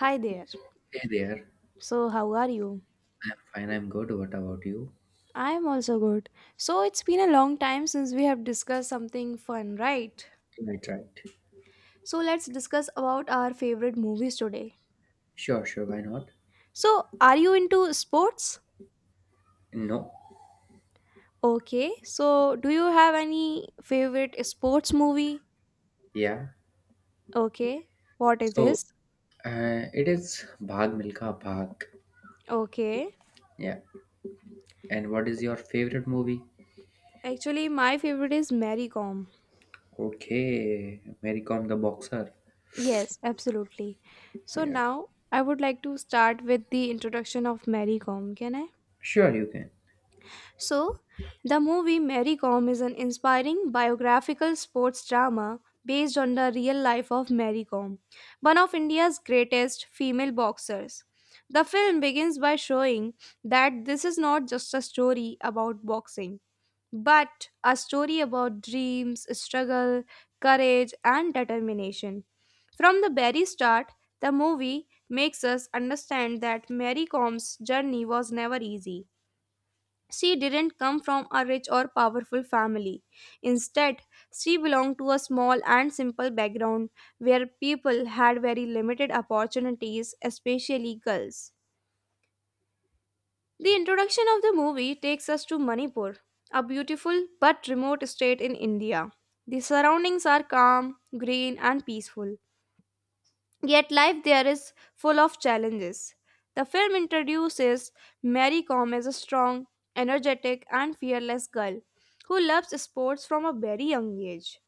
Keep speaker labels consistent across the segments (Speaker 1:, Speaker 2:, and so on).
Speaker 1: Hi there.
Speaker 2: Hey there.
Speaker 1: So, how are you?
Speaker 2: I'm fine, I'm good. What about you?
Speaker 1: I am also good. So, it's been a long time since we have discussed something fun, right?
Speaker 2: Right, right.
Speaker 1: So, let's discuss about our favorite movies today.
Speaker 2: Sure, sure, why not?
Speaker 1: So, are you into sports?
Speaker 2: No.
Speaker 1: Okay. So, do you have any favorite sports movie?
Speaker 2: Yeah.
Speaker 1: Okay. What it
Speaker 2: So,
Speaker 1: is?
Speaker 2: it is Bhag Milka Bhag.
Speaker 1: Okay.
Speaker 2: Yeah. And what is your favorite movie?
Speaker 1: Actually, my favorite is Mary Kom.
Speaker 2: Okay. Mary Kom the Boxer.
Speaker 1: Yes, absolutely. So,
Speaker 2: Yeah.
Speaker 1: now I would like to start with the introduction of Mary Kom. Can I?
Speaker 2: Sure, you can.
Speaker 1: So, the movie Mary Kom is an inspiring biographical sports drama based on the real life of Mary Kom, one of India's greatest female boxers. The film begins by showing that this is not just a story about boxing, but a story about dreams, struggle, courage, and determination. From the very start, the movie makes us understand that Mary Kom's journey was never easy. She didn't come from a rich or powerful family. Instead, she belonged to a small and simple background where people had very limited opportunities, especially girls. The introduction of the movie takes us to Manipur, a beautiful but remote state in India. The surroundings are calm, green, and peaceful. Yet life there is full of challenges. The film introduces Mary Com as a strong, energetic, and fearless girl who loves sports from a very young age.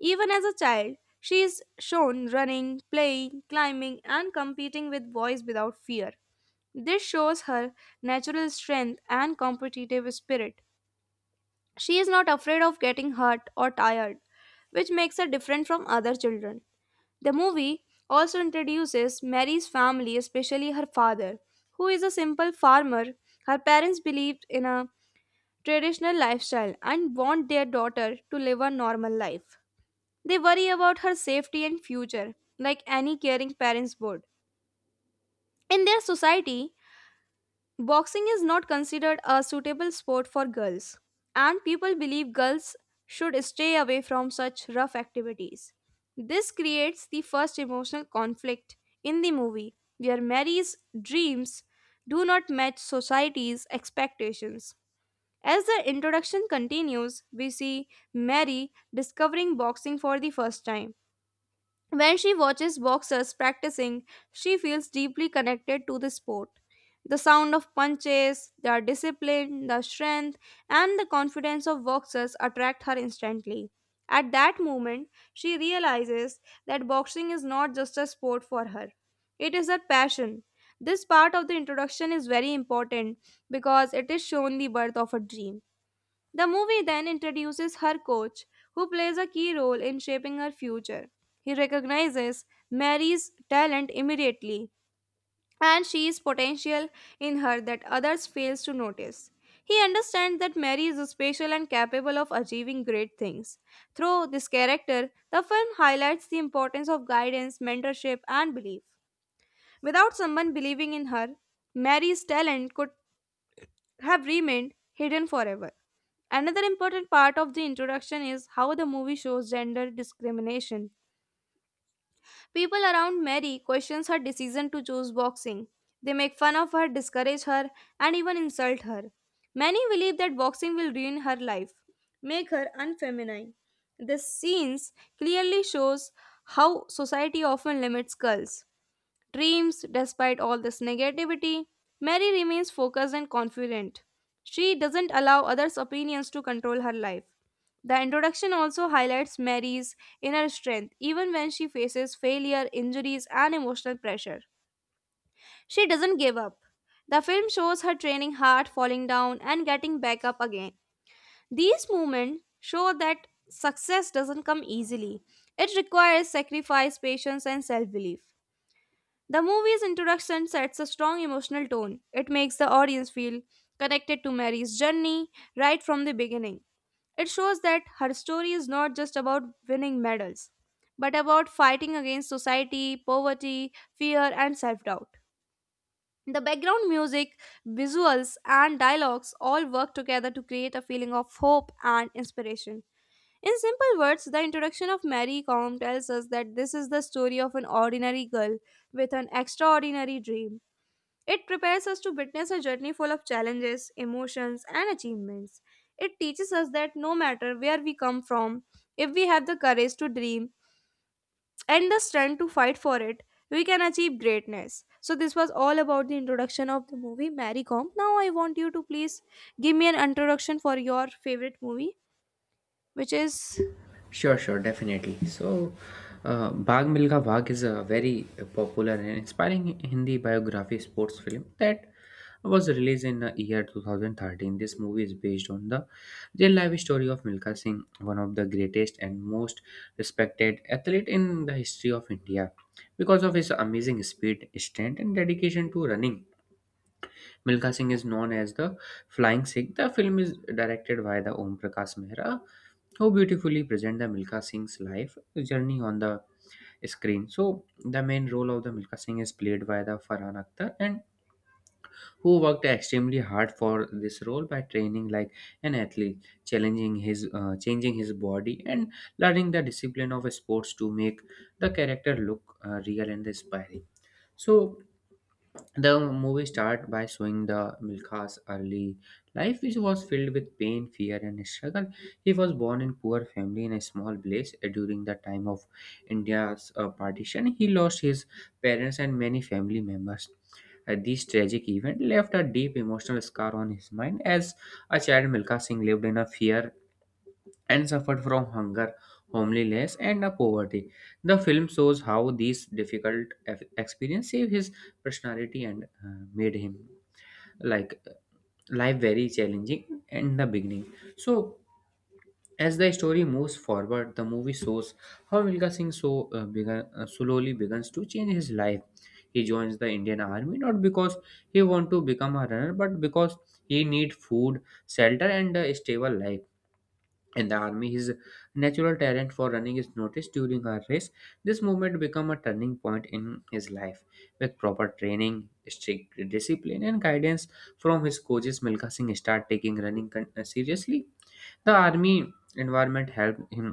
Speaker 1: Even as a child, she is shown running, playing, climbing, and competing with boys without fear. This shows her natural strength and competitive spirit. She is not afraid of getting hurt or tired, which makes her different from other children. The movie also introduces Mary's family, especially her father, who is a simple farmer. Her parents believed in a traditional lifestyle and want their daughter to live a normal life. They worry about her safety and future, like any caring parents would. In their society, boxing is not considered a suitable sport for girls, and people believe girls should stay away from such rough activities. This creates the first emotional conflict in the movie, where Mary's dreams do not match society's expectations. As the introduction continues, we see Mary discovering boxing for the first time. When she watches boxers practicing, she feels deeply connected to the sport. The sound of punches, their discipline, the strength, and the confidence of boxers attract her instantly. At that moment, she realizes that boxing is not just a sport for her, it is her passion. This part of the introduction is very important because it is shown the birth of a dream. The movie then introduces her coach, who plays a key role in shaping her future. He recognizes Mary's talent immediately and she is potential in her that others fails to notice. He understands that Mary is special and capable of achieving great things. Through this character, the film highlights the importance of guidance, mentorship, and belief. Without someone believing in her, Mary's talent could have remained hidden forever. Another important part of the introduction is how the movie shows gender discrimination. People around Mary questions her decision to choose boxing. They make fun of her, discourage her, and even insult her. Many believe that boxing will ruin her life, make her unfeminine. This scenes clearly shows how society often limits girls dreams despite all this negativity. Mary remains focused and confident. She doesn't allow others' opinions to control her life. The introduction also highlights Mary's inner strength, even when she faces failure, injuries, and emotional pressure. She doesn't give up. The film shows her training hard, falling down, and getting back up again. These moments show that success doesn't come easily, it requires sacrifice, patience, and self belief. The movie's introduction sets a strong emotional tone. It makes the audience feel connected to Mary's journey right from the beginning. It shows that her story is not just about winning medals, but about fighting against society, poverty, fear, and self doubt. The background music, visuals, and dialogues all work together to create a feeling of hope and inspiration. In simple words, the introduction of Mary Com tells us that this is the story of an ordinary girl with an extraordinary dream. It prepares us to witness a journey full of challenges, emotions, and achievements. It teaches us that no matter where we come from, if we have the courage to dream and the strength to fight for it, we can achieve greatness. So, this was all about the introduction of the movie Mary Kom. Now, I want you to please give me an introduction for your favorite movie, which is.
Speaker 2: Sure, sure, definitely. So, Bhag Milkha Bhag is a very popular and inspiring Hindi biography sports film that was released in the year 2013. This movie is based on the real life story of Milkha Singh, one of the greatest and most respected athlete in the history of India. Because of his amazing speed, strength, and dedication to running, Milkha Singh is known as the Flying Sikh. The film is directed by the Om Prakash Mehra how beautifully present the Milka Singh's life journey on the screen. So the main role of the Milka Singh is played by the Farhan Akhtar and who worked extremely hard for this role by training like an athlete, challenging his changing his body and learning the discipline of sports to make the character look real and inspiring. So the movie starts by showing the Milkha's early life, which was filled with pain, fear, and struggle. He was born in poor family in a small village during the time of India's partition. He lost his parents and many family members. This tragic event left a deep emotional scar on his mind. As a child, Milkha Singh lived in a fear and suffered from hunger, homelessness, and poverty. The film shows how these difficult experiences saved his personality and made him like life very challenging in the beginning. So as the story moves forward, the movie shows how Milka Singh so slowly begins to change his life. He joins the Indian Army not because he want to become a runner, but because he need food, shelter, and a stable life in the army. His natural talent for running is noticed during a race. This movement became a turning point in his life with proper training, strict discipline, and guidance from his coaches. Milka Singh started taking running seriously. The army environment helped him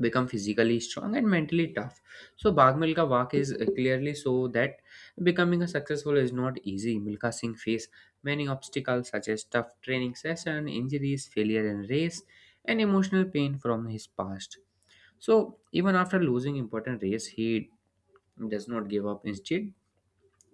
Speaker 2: become physically strong and mentally tough. So Bag Milka Walk is clearly so that becoming a successful is not easy. Milka Singh faced many obstacles such as tough training session, injuries, failure in race, and emotional pain from his past. So even after losing important race, he does not give up. Instead,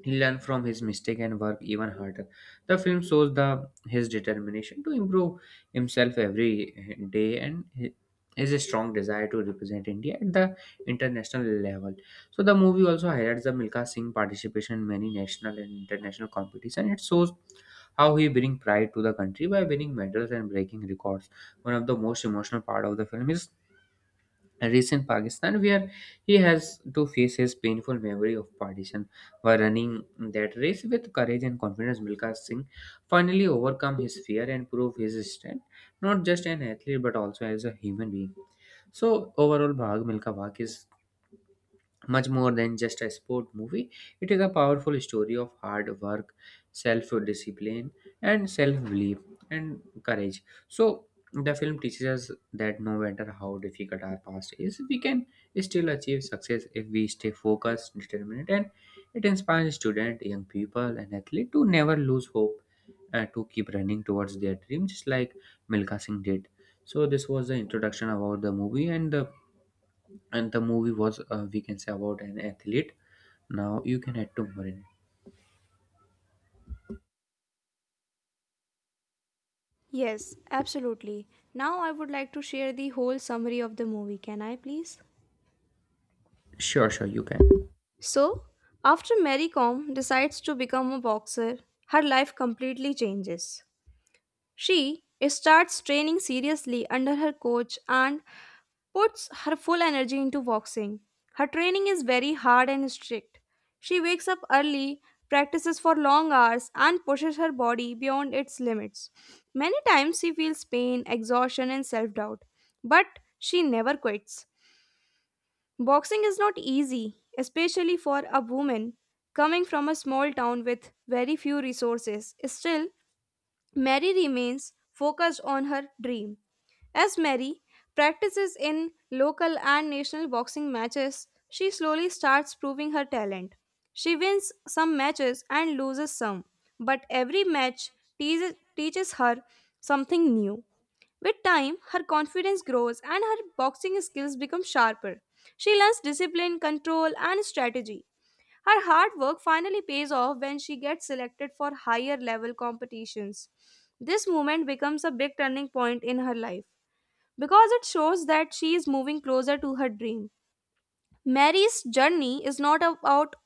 Speaker 2: he learned from his mistake and worked even harder. The film shows the his determination to improve himself every day and his strong desire to represent India at the international level. So the movie also highlights the Milka Singh participation in many national and international competitions. It shows how he bring pride to the country by winning medals and breaking records. One of the most emotional part of the film is recent Pakistan, where he has to face his painful memory of partition. While running that race with courage and confidence, Milka Singh finally overcome his fear and prove his strength, not just an athlete but also as a human being. So overall, Bhag Milka Bhag is much more than just a sport movie. It is a powerful story of hard work, self discipline, and self belief and courage. So, the film teaches us that no matter how difficult our past is, we can still achieve success if we stay focused, determined, and it inspires students, young people, and athletes to never lose hope and to keep running towards their dreams, just like Milka Singh did. So, this was the introduction about the movie and the movie was we can say about an athlete. Now you can add two more in.
Speaker 1: Yes, absolutely. Now, I would like to share the whole summary of the movie. Can I please?
Speaker 2: Sure, sure, you can.
Speaker 1: So, after Mary Comb decides to become a boxer, her life completely changes. She starts training seriously under her coach and puts her full energy into boxing. Her training is very hard and strict. She wakes up early, practices for long hours, and pushes her body beyond its limits. Many times she feels pain, exhaustion, and self doubt, but she never quits. Boxing is not easy, especially for a woman coming from a small town with very few resources. Still, Mary remains focused on her dream. As Mary practices in local and national boxing matches, she slowly starts proving her talent. She wins some matches and loses some, but every match teaches her something new. With time, her confidence grows and her boxing skills become sharper. She learns discipline, control, and strategy. Her hard work finally pays off when she gets selected for higher level competitions. This moment becomes a big turning point in her life because it shows that she is moving closer to her dream. Mary's journey is not about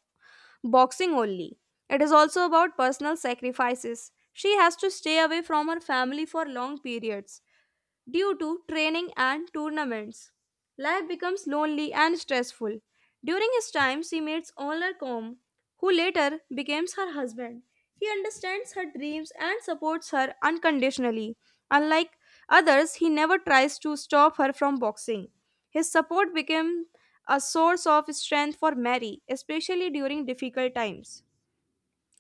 Speaker 1: boxing only, it is also about personal sacrifices. She has to stay away from her family for long periods due to training and tournaments. Life becomes lonely and stressful. During his time, she meets Honor, who later becomes her husband. He understands her dreams and supports her unconditionally. Unlike others, he never tries to stop her from boxing. His support became a source of strength for Mary, especially during difficult times.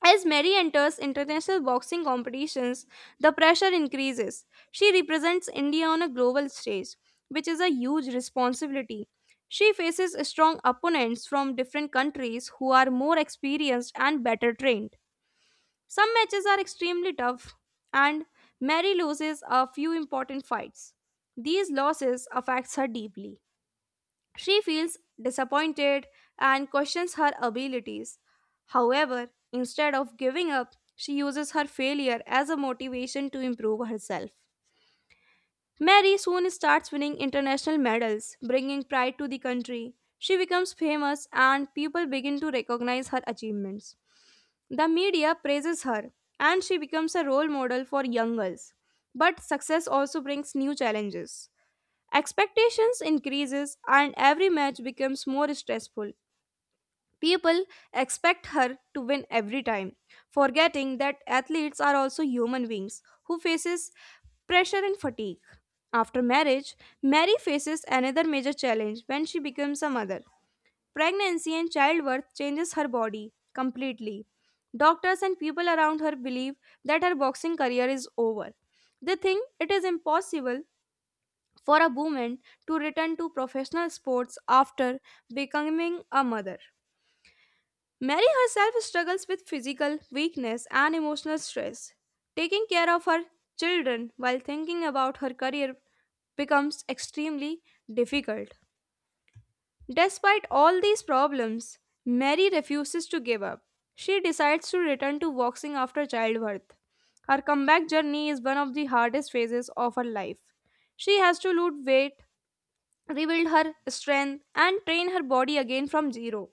Speaker 1: As Mary enters international boxing competitions, the pressure increases. She represents India on a global stage, which is a huge responsibility. She faces strong opponents from different countries who are more experienced and better trained. Some matches are extremely tough, and Mary loses a few important fights. These losses affects her deeply. She feels disappointed and questions her abilities. However, instead of giving up, she uses her failure as a motivation to improve herself. Mary soon starts winning international medals, bringing pride to the country. She becomes famous and people begin to recognize her achievements. The media praises her and she becomes a role model for young girls. But success also brings new challenges. Expectations increases and every match becomes more stressful. People expect her to win every time, forgetting that athletes are also human beings who faces pressure and fatigue. After marriage, Mary faces another major challenge when she becomes a mother. Pregnancy and childbirth changes her body completely. Doctors and people around her believe that her boxing career is over. They think it is impossible for a woman to return to professional sports after becoming a mother. Mary herself struggles with physical weakness and emotional stress. Taking care of her children while thinking about her career becomes extremely difficult. Despite all these problems, Mary refuses to give up. She decides to return to boxing after childbirth. Her comeback journey is one of the hardest phases of her life. She has to lose weight, rebuild her strength, and train her body again from zero.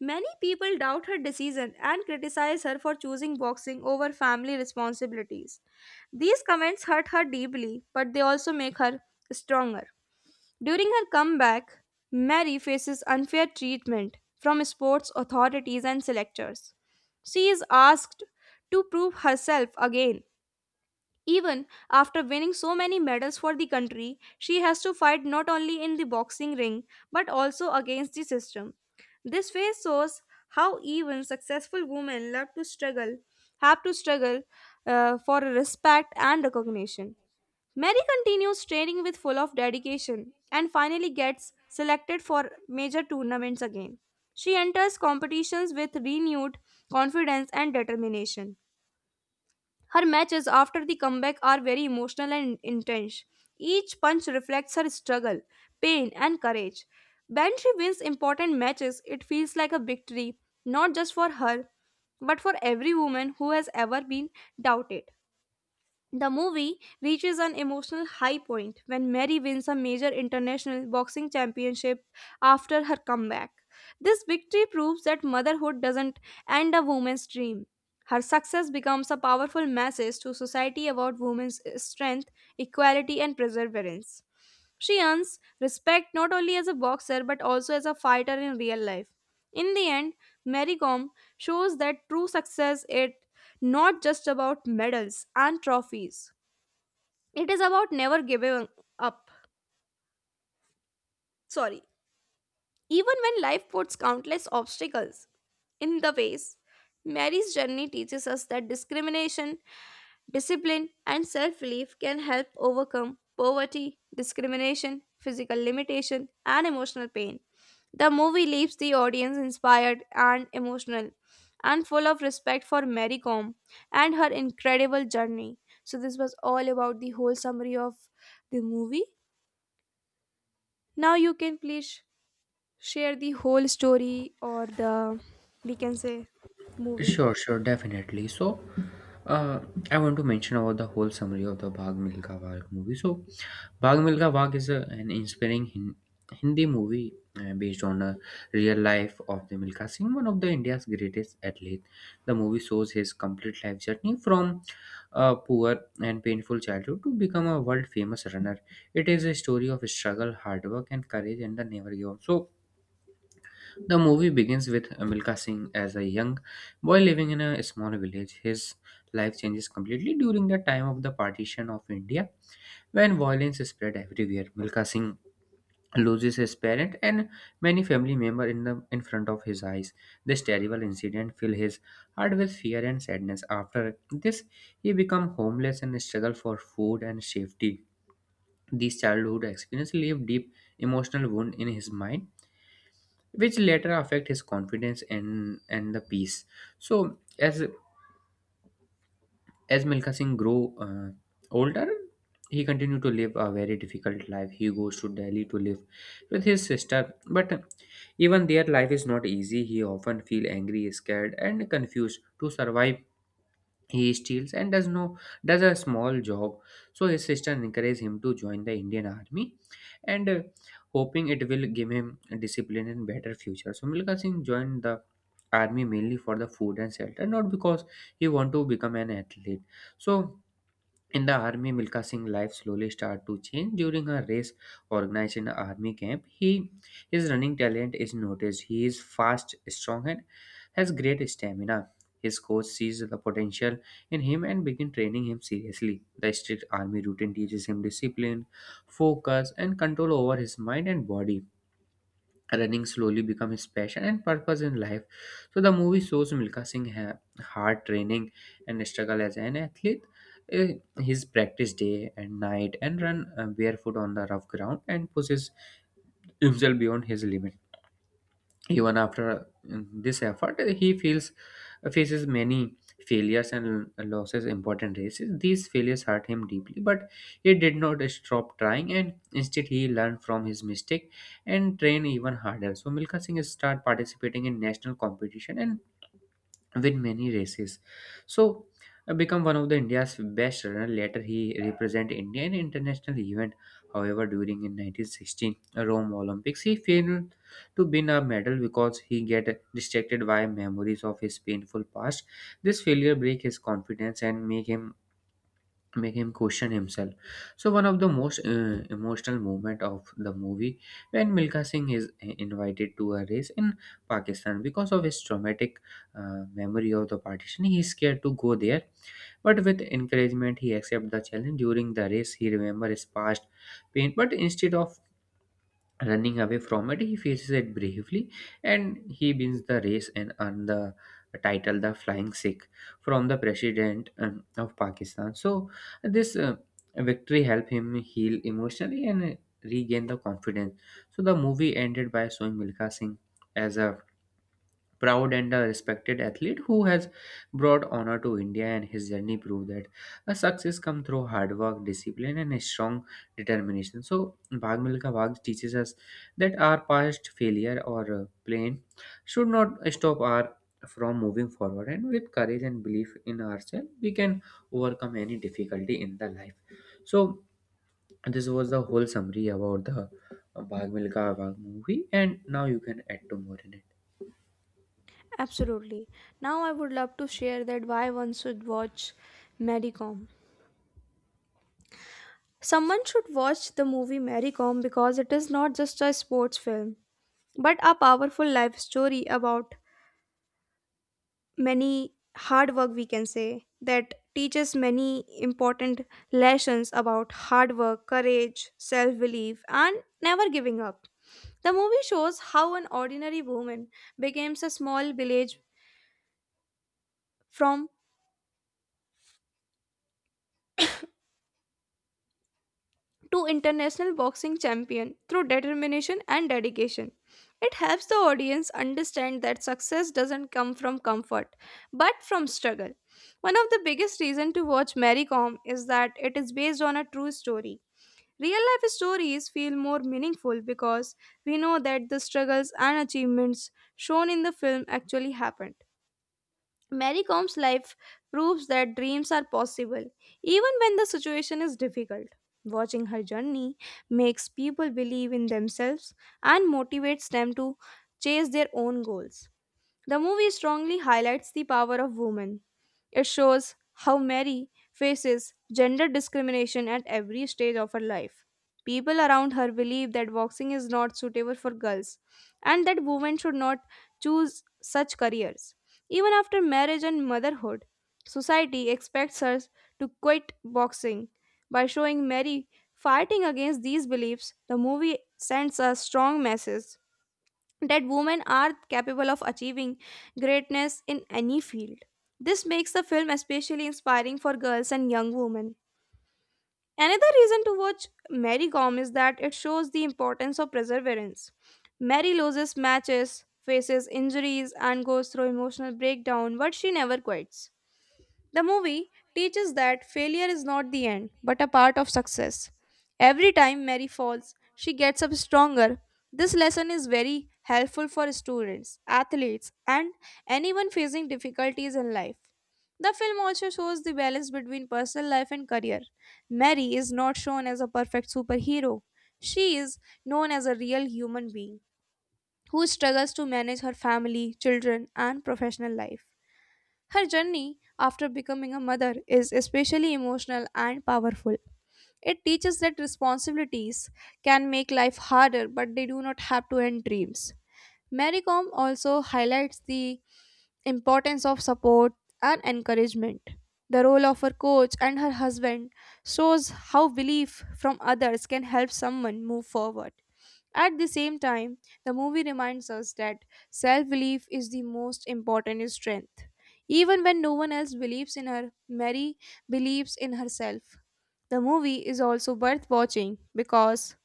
Speaker 1: Many people doubt her decision and criticize her for choosing boxing over family responsibilities. These comments hurt her deeply, but they also make her stronger. During her comeback, Mary faces unfair treatment from sports authorities and selectors. She is asked to prove herself again. Even after winning so many medals for the country, she has to fight not only in the boxing ring but also against the system. This phase shows how even successful women have to struggle for respect and recognition. Mary continues training with full of dedication and finally gets selected for major tournaments again. She enters competitions with renewed confidence and determination. Her matches after the comeback are very emotional and intense. Each punch reflects her struggle, pain, and courage. When she wins important matches, it feels like a victory, not just for her, but for every woman who has ever been doubted. The movie reaches an emotional high point when Mary wins a major international boxing championship after her comeback. This victory proves that motherhood doesn't end a woman's dream. Her success becomes a powerful message to society about women's strength, equality, and perseverance. She earns respect not only as a boxer but also as a fighter in real life. In the end, Marycom shows that true success is not just about medals and trophies. It is about never giving up. Sorry. Even when life puts countless obstacles in the ways, Mary's journey teaches us that discrimination Discipline and self belief can help overcome poverty, discrimination, physical limitation, and emotional pain. The movie leaves the audience inspired and emotional and full of respect for Mary Kom and her incredible journey. So, this was all about the whole summary of the movie. Now, you can please share the whole story or the, we can say, movie.
Speaker 2: Sure, sure, definitely. So, uh, I want to mention about the whole summary of the Bhag Milka Bhag movie. So Bhag Milkha Bhag is an inspiring Hindi movie based on a real life of the Milkha Singh, one of the India's greatest athletes. The movie shows his complete life journey from a poor and painful childhood to become a world famous runner. It is a story of struggle, hard work, and courage, and the never give up. So the movie begins with Milkha Singh as a young boy living in a small village. His life changes completely during the time of the partition of India when violence spread everywhere. Milkha Singh loses his parent and many family member in front of his eyes. This terrible incident fill his heart with fear and sadness. After this he become homeless and struggle for food and safety. These childhood experiences leave deep emotional wound in his mind, which later affect his confidence and the peace. So, as Milkha Singh grew older, he continued to live a very difficult life. He goes to Delhi to live with his sister, but even their life is not easy. He often feel angry, scared, and confused. To survive he steals and does no does a small job. So his sister encourages him to join the Indian Army, and hoping it will give him discipline and better future. So Milka Singh joined the army mainly for the food and shelter, not because he want to become an athlete. So in the army, Milka Singh's life slowly started to change. During a race organized in an army camp, his running talent is noticed. He is fast, strong, and has great stamina. His coach sees the potential in him and begin training him seriously. The strict army routine teaches him discipline, focus, and control over his mind and body. Running slowly become his passion and purpose in life. So the movie shows Milka Singh hard training and struggle as an athlete. Uh, His practice day and night and run barefoot on the rough ground and pushes himself beyond his limits even after uh, this effort he feels faces many failures and losses important races. These failures hurt him deeply but he did not stop trying, and instead he learned from his mistake and trained even harder. So Milka Singh start participating in national competition and win many races. So become one of the India's best runner. Later he represent India in international event. However, during in 1916 Rome Olympics, he failed to win a medal because he get distracted by memories of his painful past. This failure break his confidence and make him question himself. So one of the most emotional moment of the movie when Milka Singh is invited to a race in Pakistan. Because of his traumatic memory of the partition he is scared to go there, but with encouragement he accepts the challenge. During the race he remembers his past pain, but instead of running away from it, he faces it bravely and he wins the race and earns the title the Flying Sikh from the President of Pakistan. So, this victory helped him heal emotionally and regain the confidence. So, the movie ended by showing Milka Singh as a proud and a respected athlete who has brought honor to India, and his journey proved that a success comes through hard work, discipline, and a strong determination. So Bhag Milka Bhag teaches us that our past failure or pain should not stop our from moving forward, and with courage and belief in ourselves we can overcome any difficulty in the life. So this was the whole summary about the Bhag Milka Bhag movie, and now you can add to more in it.
Speaker 1: Absolutely. Now I would love to share that why one should watch Mary Kom. Someone should watch the movie Mary Kom because it is not just a sports film, but a powerful life story about many hard work we can say that teaches many important lessons about hard work, courage, self-belief and never giving up. The movie shows how an ordinary woman becomes a small village from to international boxing champion through determination and dedication. It helps the audience understand that success doesn't come from comfort but from struggle. One of the biggest reasons to watch Mary Kom is that it is based on a true story. Real life stories feel more meaningful because we know that the struggles and achievements shown in the film actually happened. Mary Com's life proves that dreams are possible, even when the situation is difficult. Watching her journey makes people believe in themselves and motivates them to chase their own goals. The movie strongly highlights the power of women. It shows how Mary faces gender discrimination at every stage of her life. People around her believe that boxing is not suitable for girls and that women should not choose such careers. Even after marriage and motherhood, society expects her to quit boxing. By showing Mary fighting against these beliefs, the movie sends a strong message that women are capable of achieving greatness in any field. This makes the film especially inspiring for girls and young women. Another reason to watch Mary Gom is that it shows the importance of perseverance. Mary loses matches, faces injuries, and goes through emotional breakdown, but she never quits. The movie teaches that failure is not the end, but a part of success. Every time Mary falls, she gets up stronger. This lesson is very helpful for students, athletes, and anyone facing difficulties in life. The film also shows the balance between personal life and career. Mary is not shown as a perfect superhero, she is known as a real human being who struggles to manage her family, children, and professional life. Her journey after becoming a mother is especially emotional and powerful. It teaches that responsibilities can make life harder, but they do not have to end dreams. Mary Kom also highlights the importance of support and encouragement. The role of her coach and her husband shows how belief from others can help someone move forward. At the same time, the movie reminds us that self belief is the most important strength. Even when no one else believes in her, Mary believes in herself. The movie is also worth watching because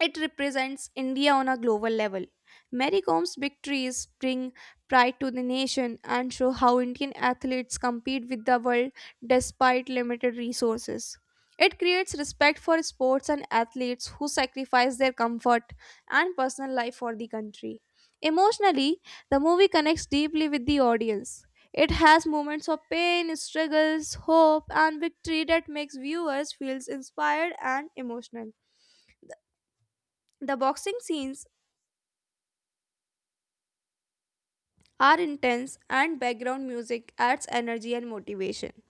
Speaker 1: it represents India on a global level. Mary Com's victories bring pride to the nation and show how Indian athletes compete with the world despite limited resources. It creates respect for sports and athletes who sacrifice their comfort and personal life for the country. Emotionally, the movie connects deeply with the audience. It has moments of pain, struggles, hope, and victory that makes viewers feel inspired and emotional. The boxing scenes are intense and background music adds energy and motivation.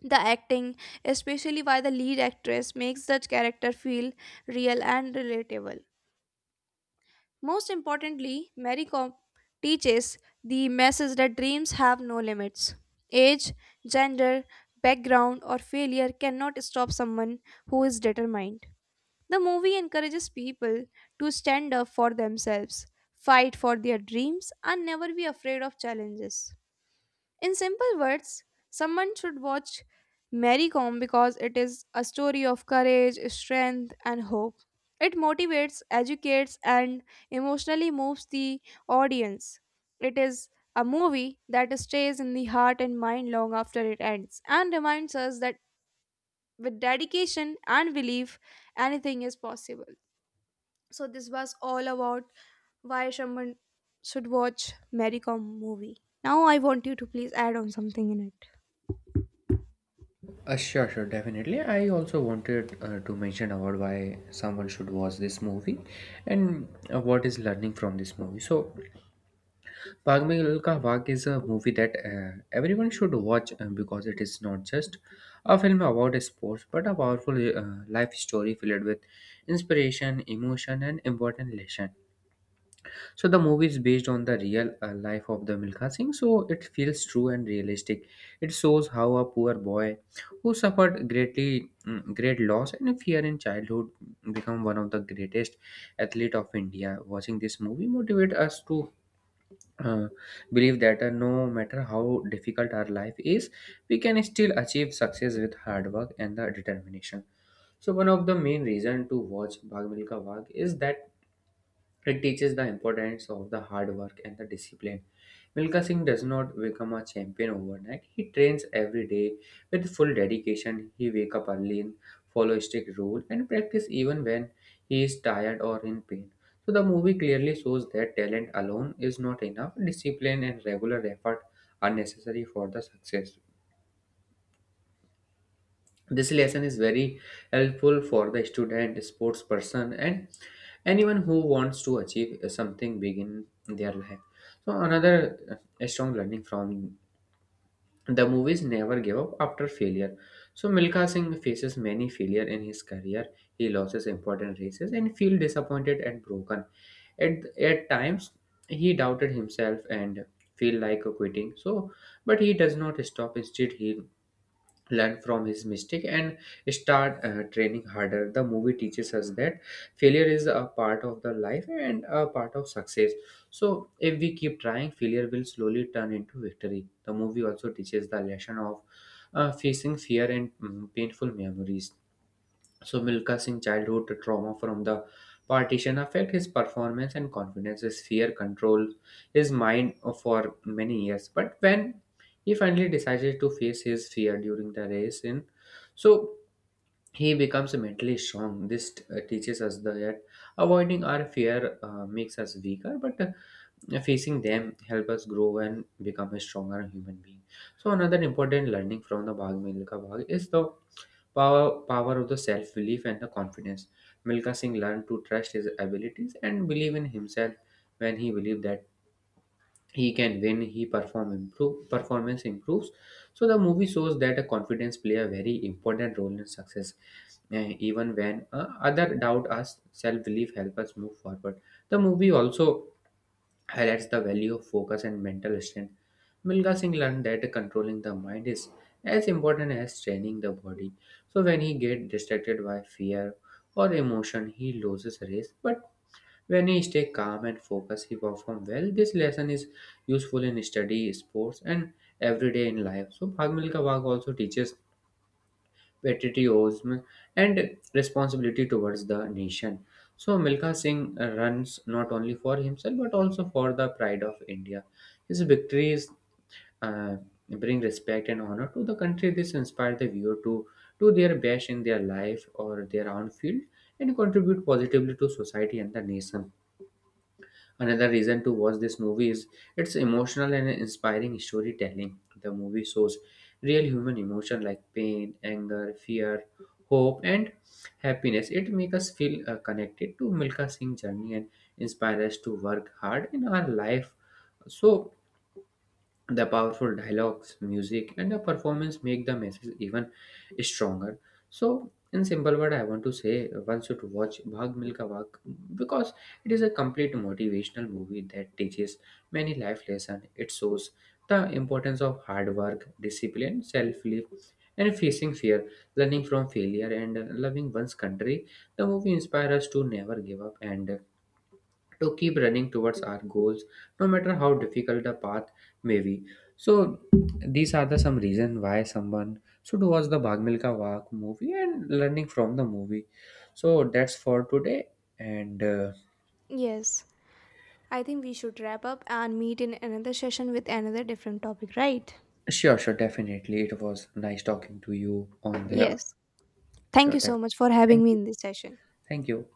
Speaker 1: The acting, especially by the lead actress, makes the character feel real and relatable. Most importantly, Mary Comp teaches the message that dreams have no limits. Age, gender, background, or failure cannot stop someone who is determined. The movie encourages people to stand up for themselves, fight for their dreams, and never be afraid of challenges. In simple words, someone should watch Mary Kom because it is a story of courage, strength, and hope. It motivates, educates, and emotionally moves the audience. It is a movie that stays in the heart and mind long after it ends and reminds us that with dedication and belief, anything is possible. So this was all about why someone should watch Mary Kom movie. Now I want you to please add on something in it.
Speaker 2: Sure, sure, definitely. I also wanted to mention about why someone should watch this movie and what is learning from this movie. So, Bhag Milka Bhag is a movie that everyone should watch because it is not just a film about sports but a powerful life story filled with inspiration, emotion, and important lesson. So the movie is based on the real life of the Milkha Singh, so it feels true and realistic. It shows how a poor boy who suffered great loss and fear in childhood become one of the greatest athlete of India. Watching this movie motivate us to uh, believe that no matter how difficult our life is, we can still achieve success with hard work and the determination. So one of the main reason to watch Bhag Milkha Bhag is that it teaches the importance of the hard work and the discipline. Milka Singh does not become a champion overnight. He trains every day with full dedication. He wake up early, and follow strict rule, and practice even when he is tired or in pain. So the movie clearly shows that talent alone is not enough. Discipline and regular effort are necessary for the success. This lesson is very helpful for the student, sports person, and anyone who wants to achieve something big in their life. So another strong learning from the movies never give up after failure. So Milka Singh faces many failure in his career. He loses important races and feel disappointed and broken. At times he doubted himself and feel like quitting. So but he does not stop. Instead he learn from his mistake and start training harder. The movie teaches us that failure is a part of the life and a part of success. So if we keep trying, failure will slowly turn into victory. The movie also teaches the lesson of facing fear and painful memories. So Milka Singh childhood trauma from the partition affect his performance and confidence. His fear control his mind for many years. But when he finally decided to face his fear during the race in so he becomes mentally strong. This teaches us that avoiding our fear makes us weaker, but facing them help us grow and become a stronger human being. So another important learning from the Bhag Milka Bhag is the power power of the self belief and the confidence. Milka Singh learned to trust his abilities and believe in himself. When he believed that he can win, he performance improves. So the movie shows that a confidence play a very important role in success. Even when other doubt us, self-belief help us move forward. The movie also highlights the value of focus and mental strength. Milka Singh learned that controlling the mind is as important as training the body. So when he get distracted by fear or emotion, he loses race, but when he stays calm and focused, he performs well. This lesson is useful in study, sports, and everyday in life. So, Bhag Milka Bhag also teaches patriotism and responsibility towards the nation. So, Milka Singh runs not only for himself but also for the pride of India. His victories uh, bring respect and honor to the country. This inspires the viewer to do their best in their life or their own field and contribute positively to society and the nation. Another reason to watch this movie is its emotional and inspiring storytelling. The movie shows real human emotion like pain, anger, fear, hope, and happiness. It makes us feel connected to Milka Singh's journey and inspires us to work hard in our life. So the powerful dialogues, music, and the performance make the message even stronger. So, in simple word, I want to say one should watch Bhag Milka Bhag because it is a complete motivational movie that teaches many life lessons. It shows the importance of hard work, discipline, self-belief, and facing fear, learning from failure, and loving one's country. The movie inspires us to never give up and to keep running towards our goals no matter how difficult the path may be. So these are the some reason why someone should watch the Bhag Milka Walk movie and learning from the movie. So that's for today and
Speaker 1: Yes, I think we should wrap up and meet in another session with another different topic, right?
Speaker 2: sure. Definitely, it was nice talking to you on the
Speaker 1: Yes. Thank
Speaker 2: sure
Speaker 1: you so much for having
Speaker 2: thank
Speaker 1: me
Speaker 2: you.
Speaker 1: in this session.
Speaker 2: Thank you.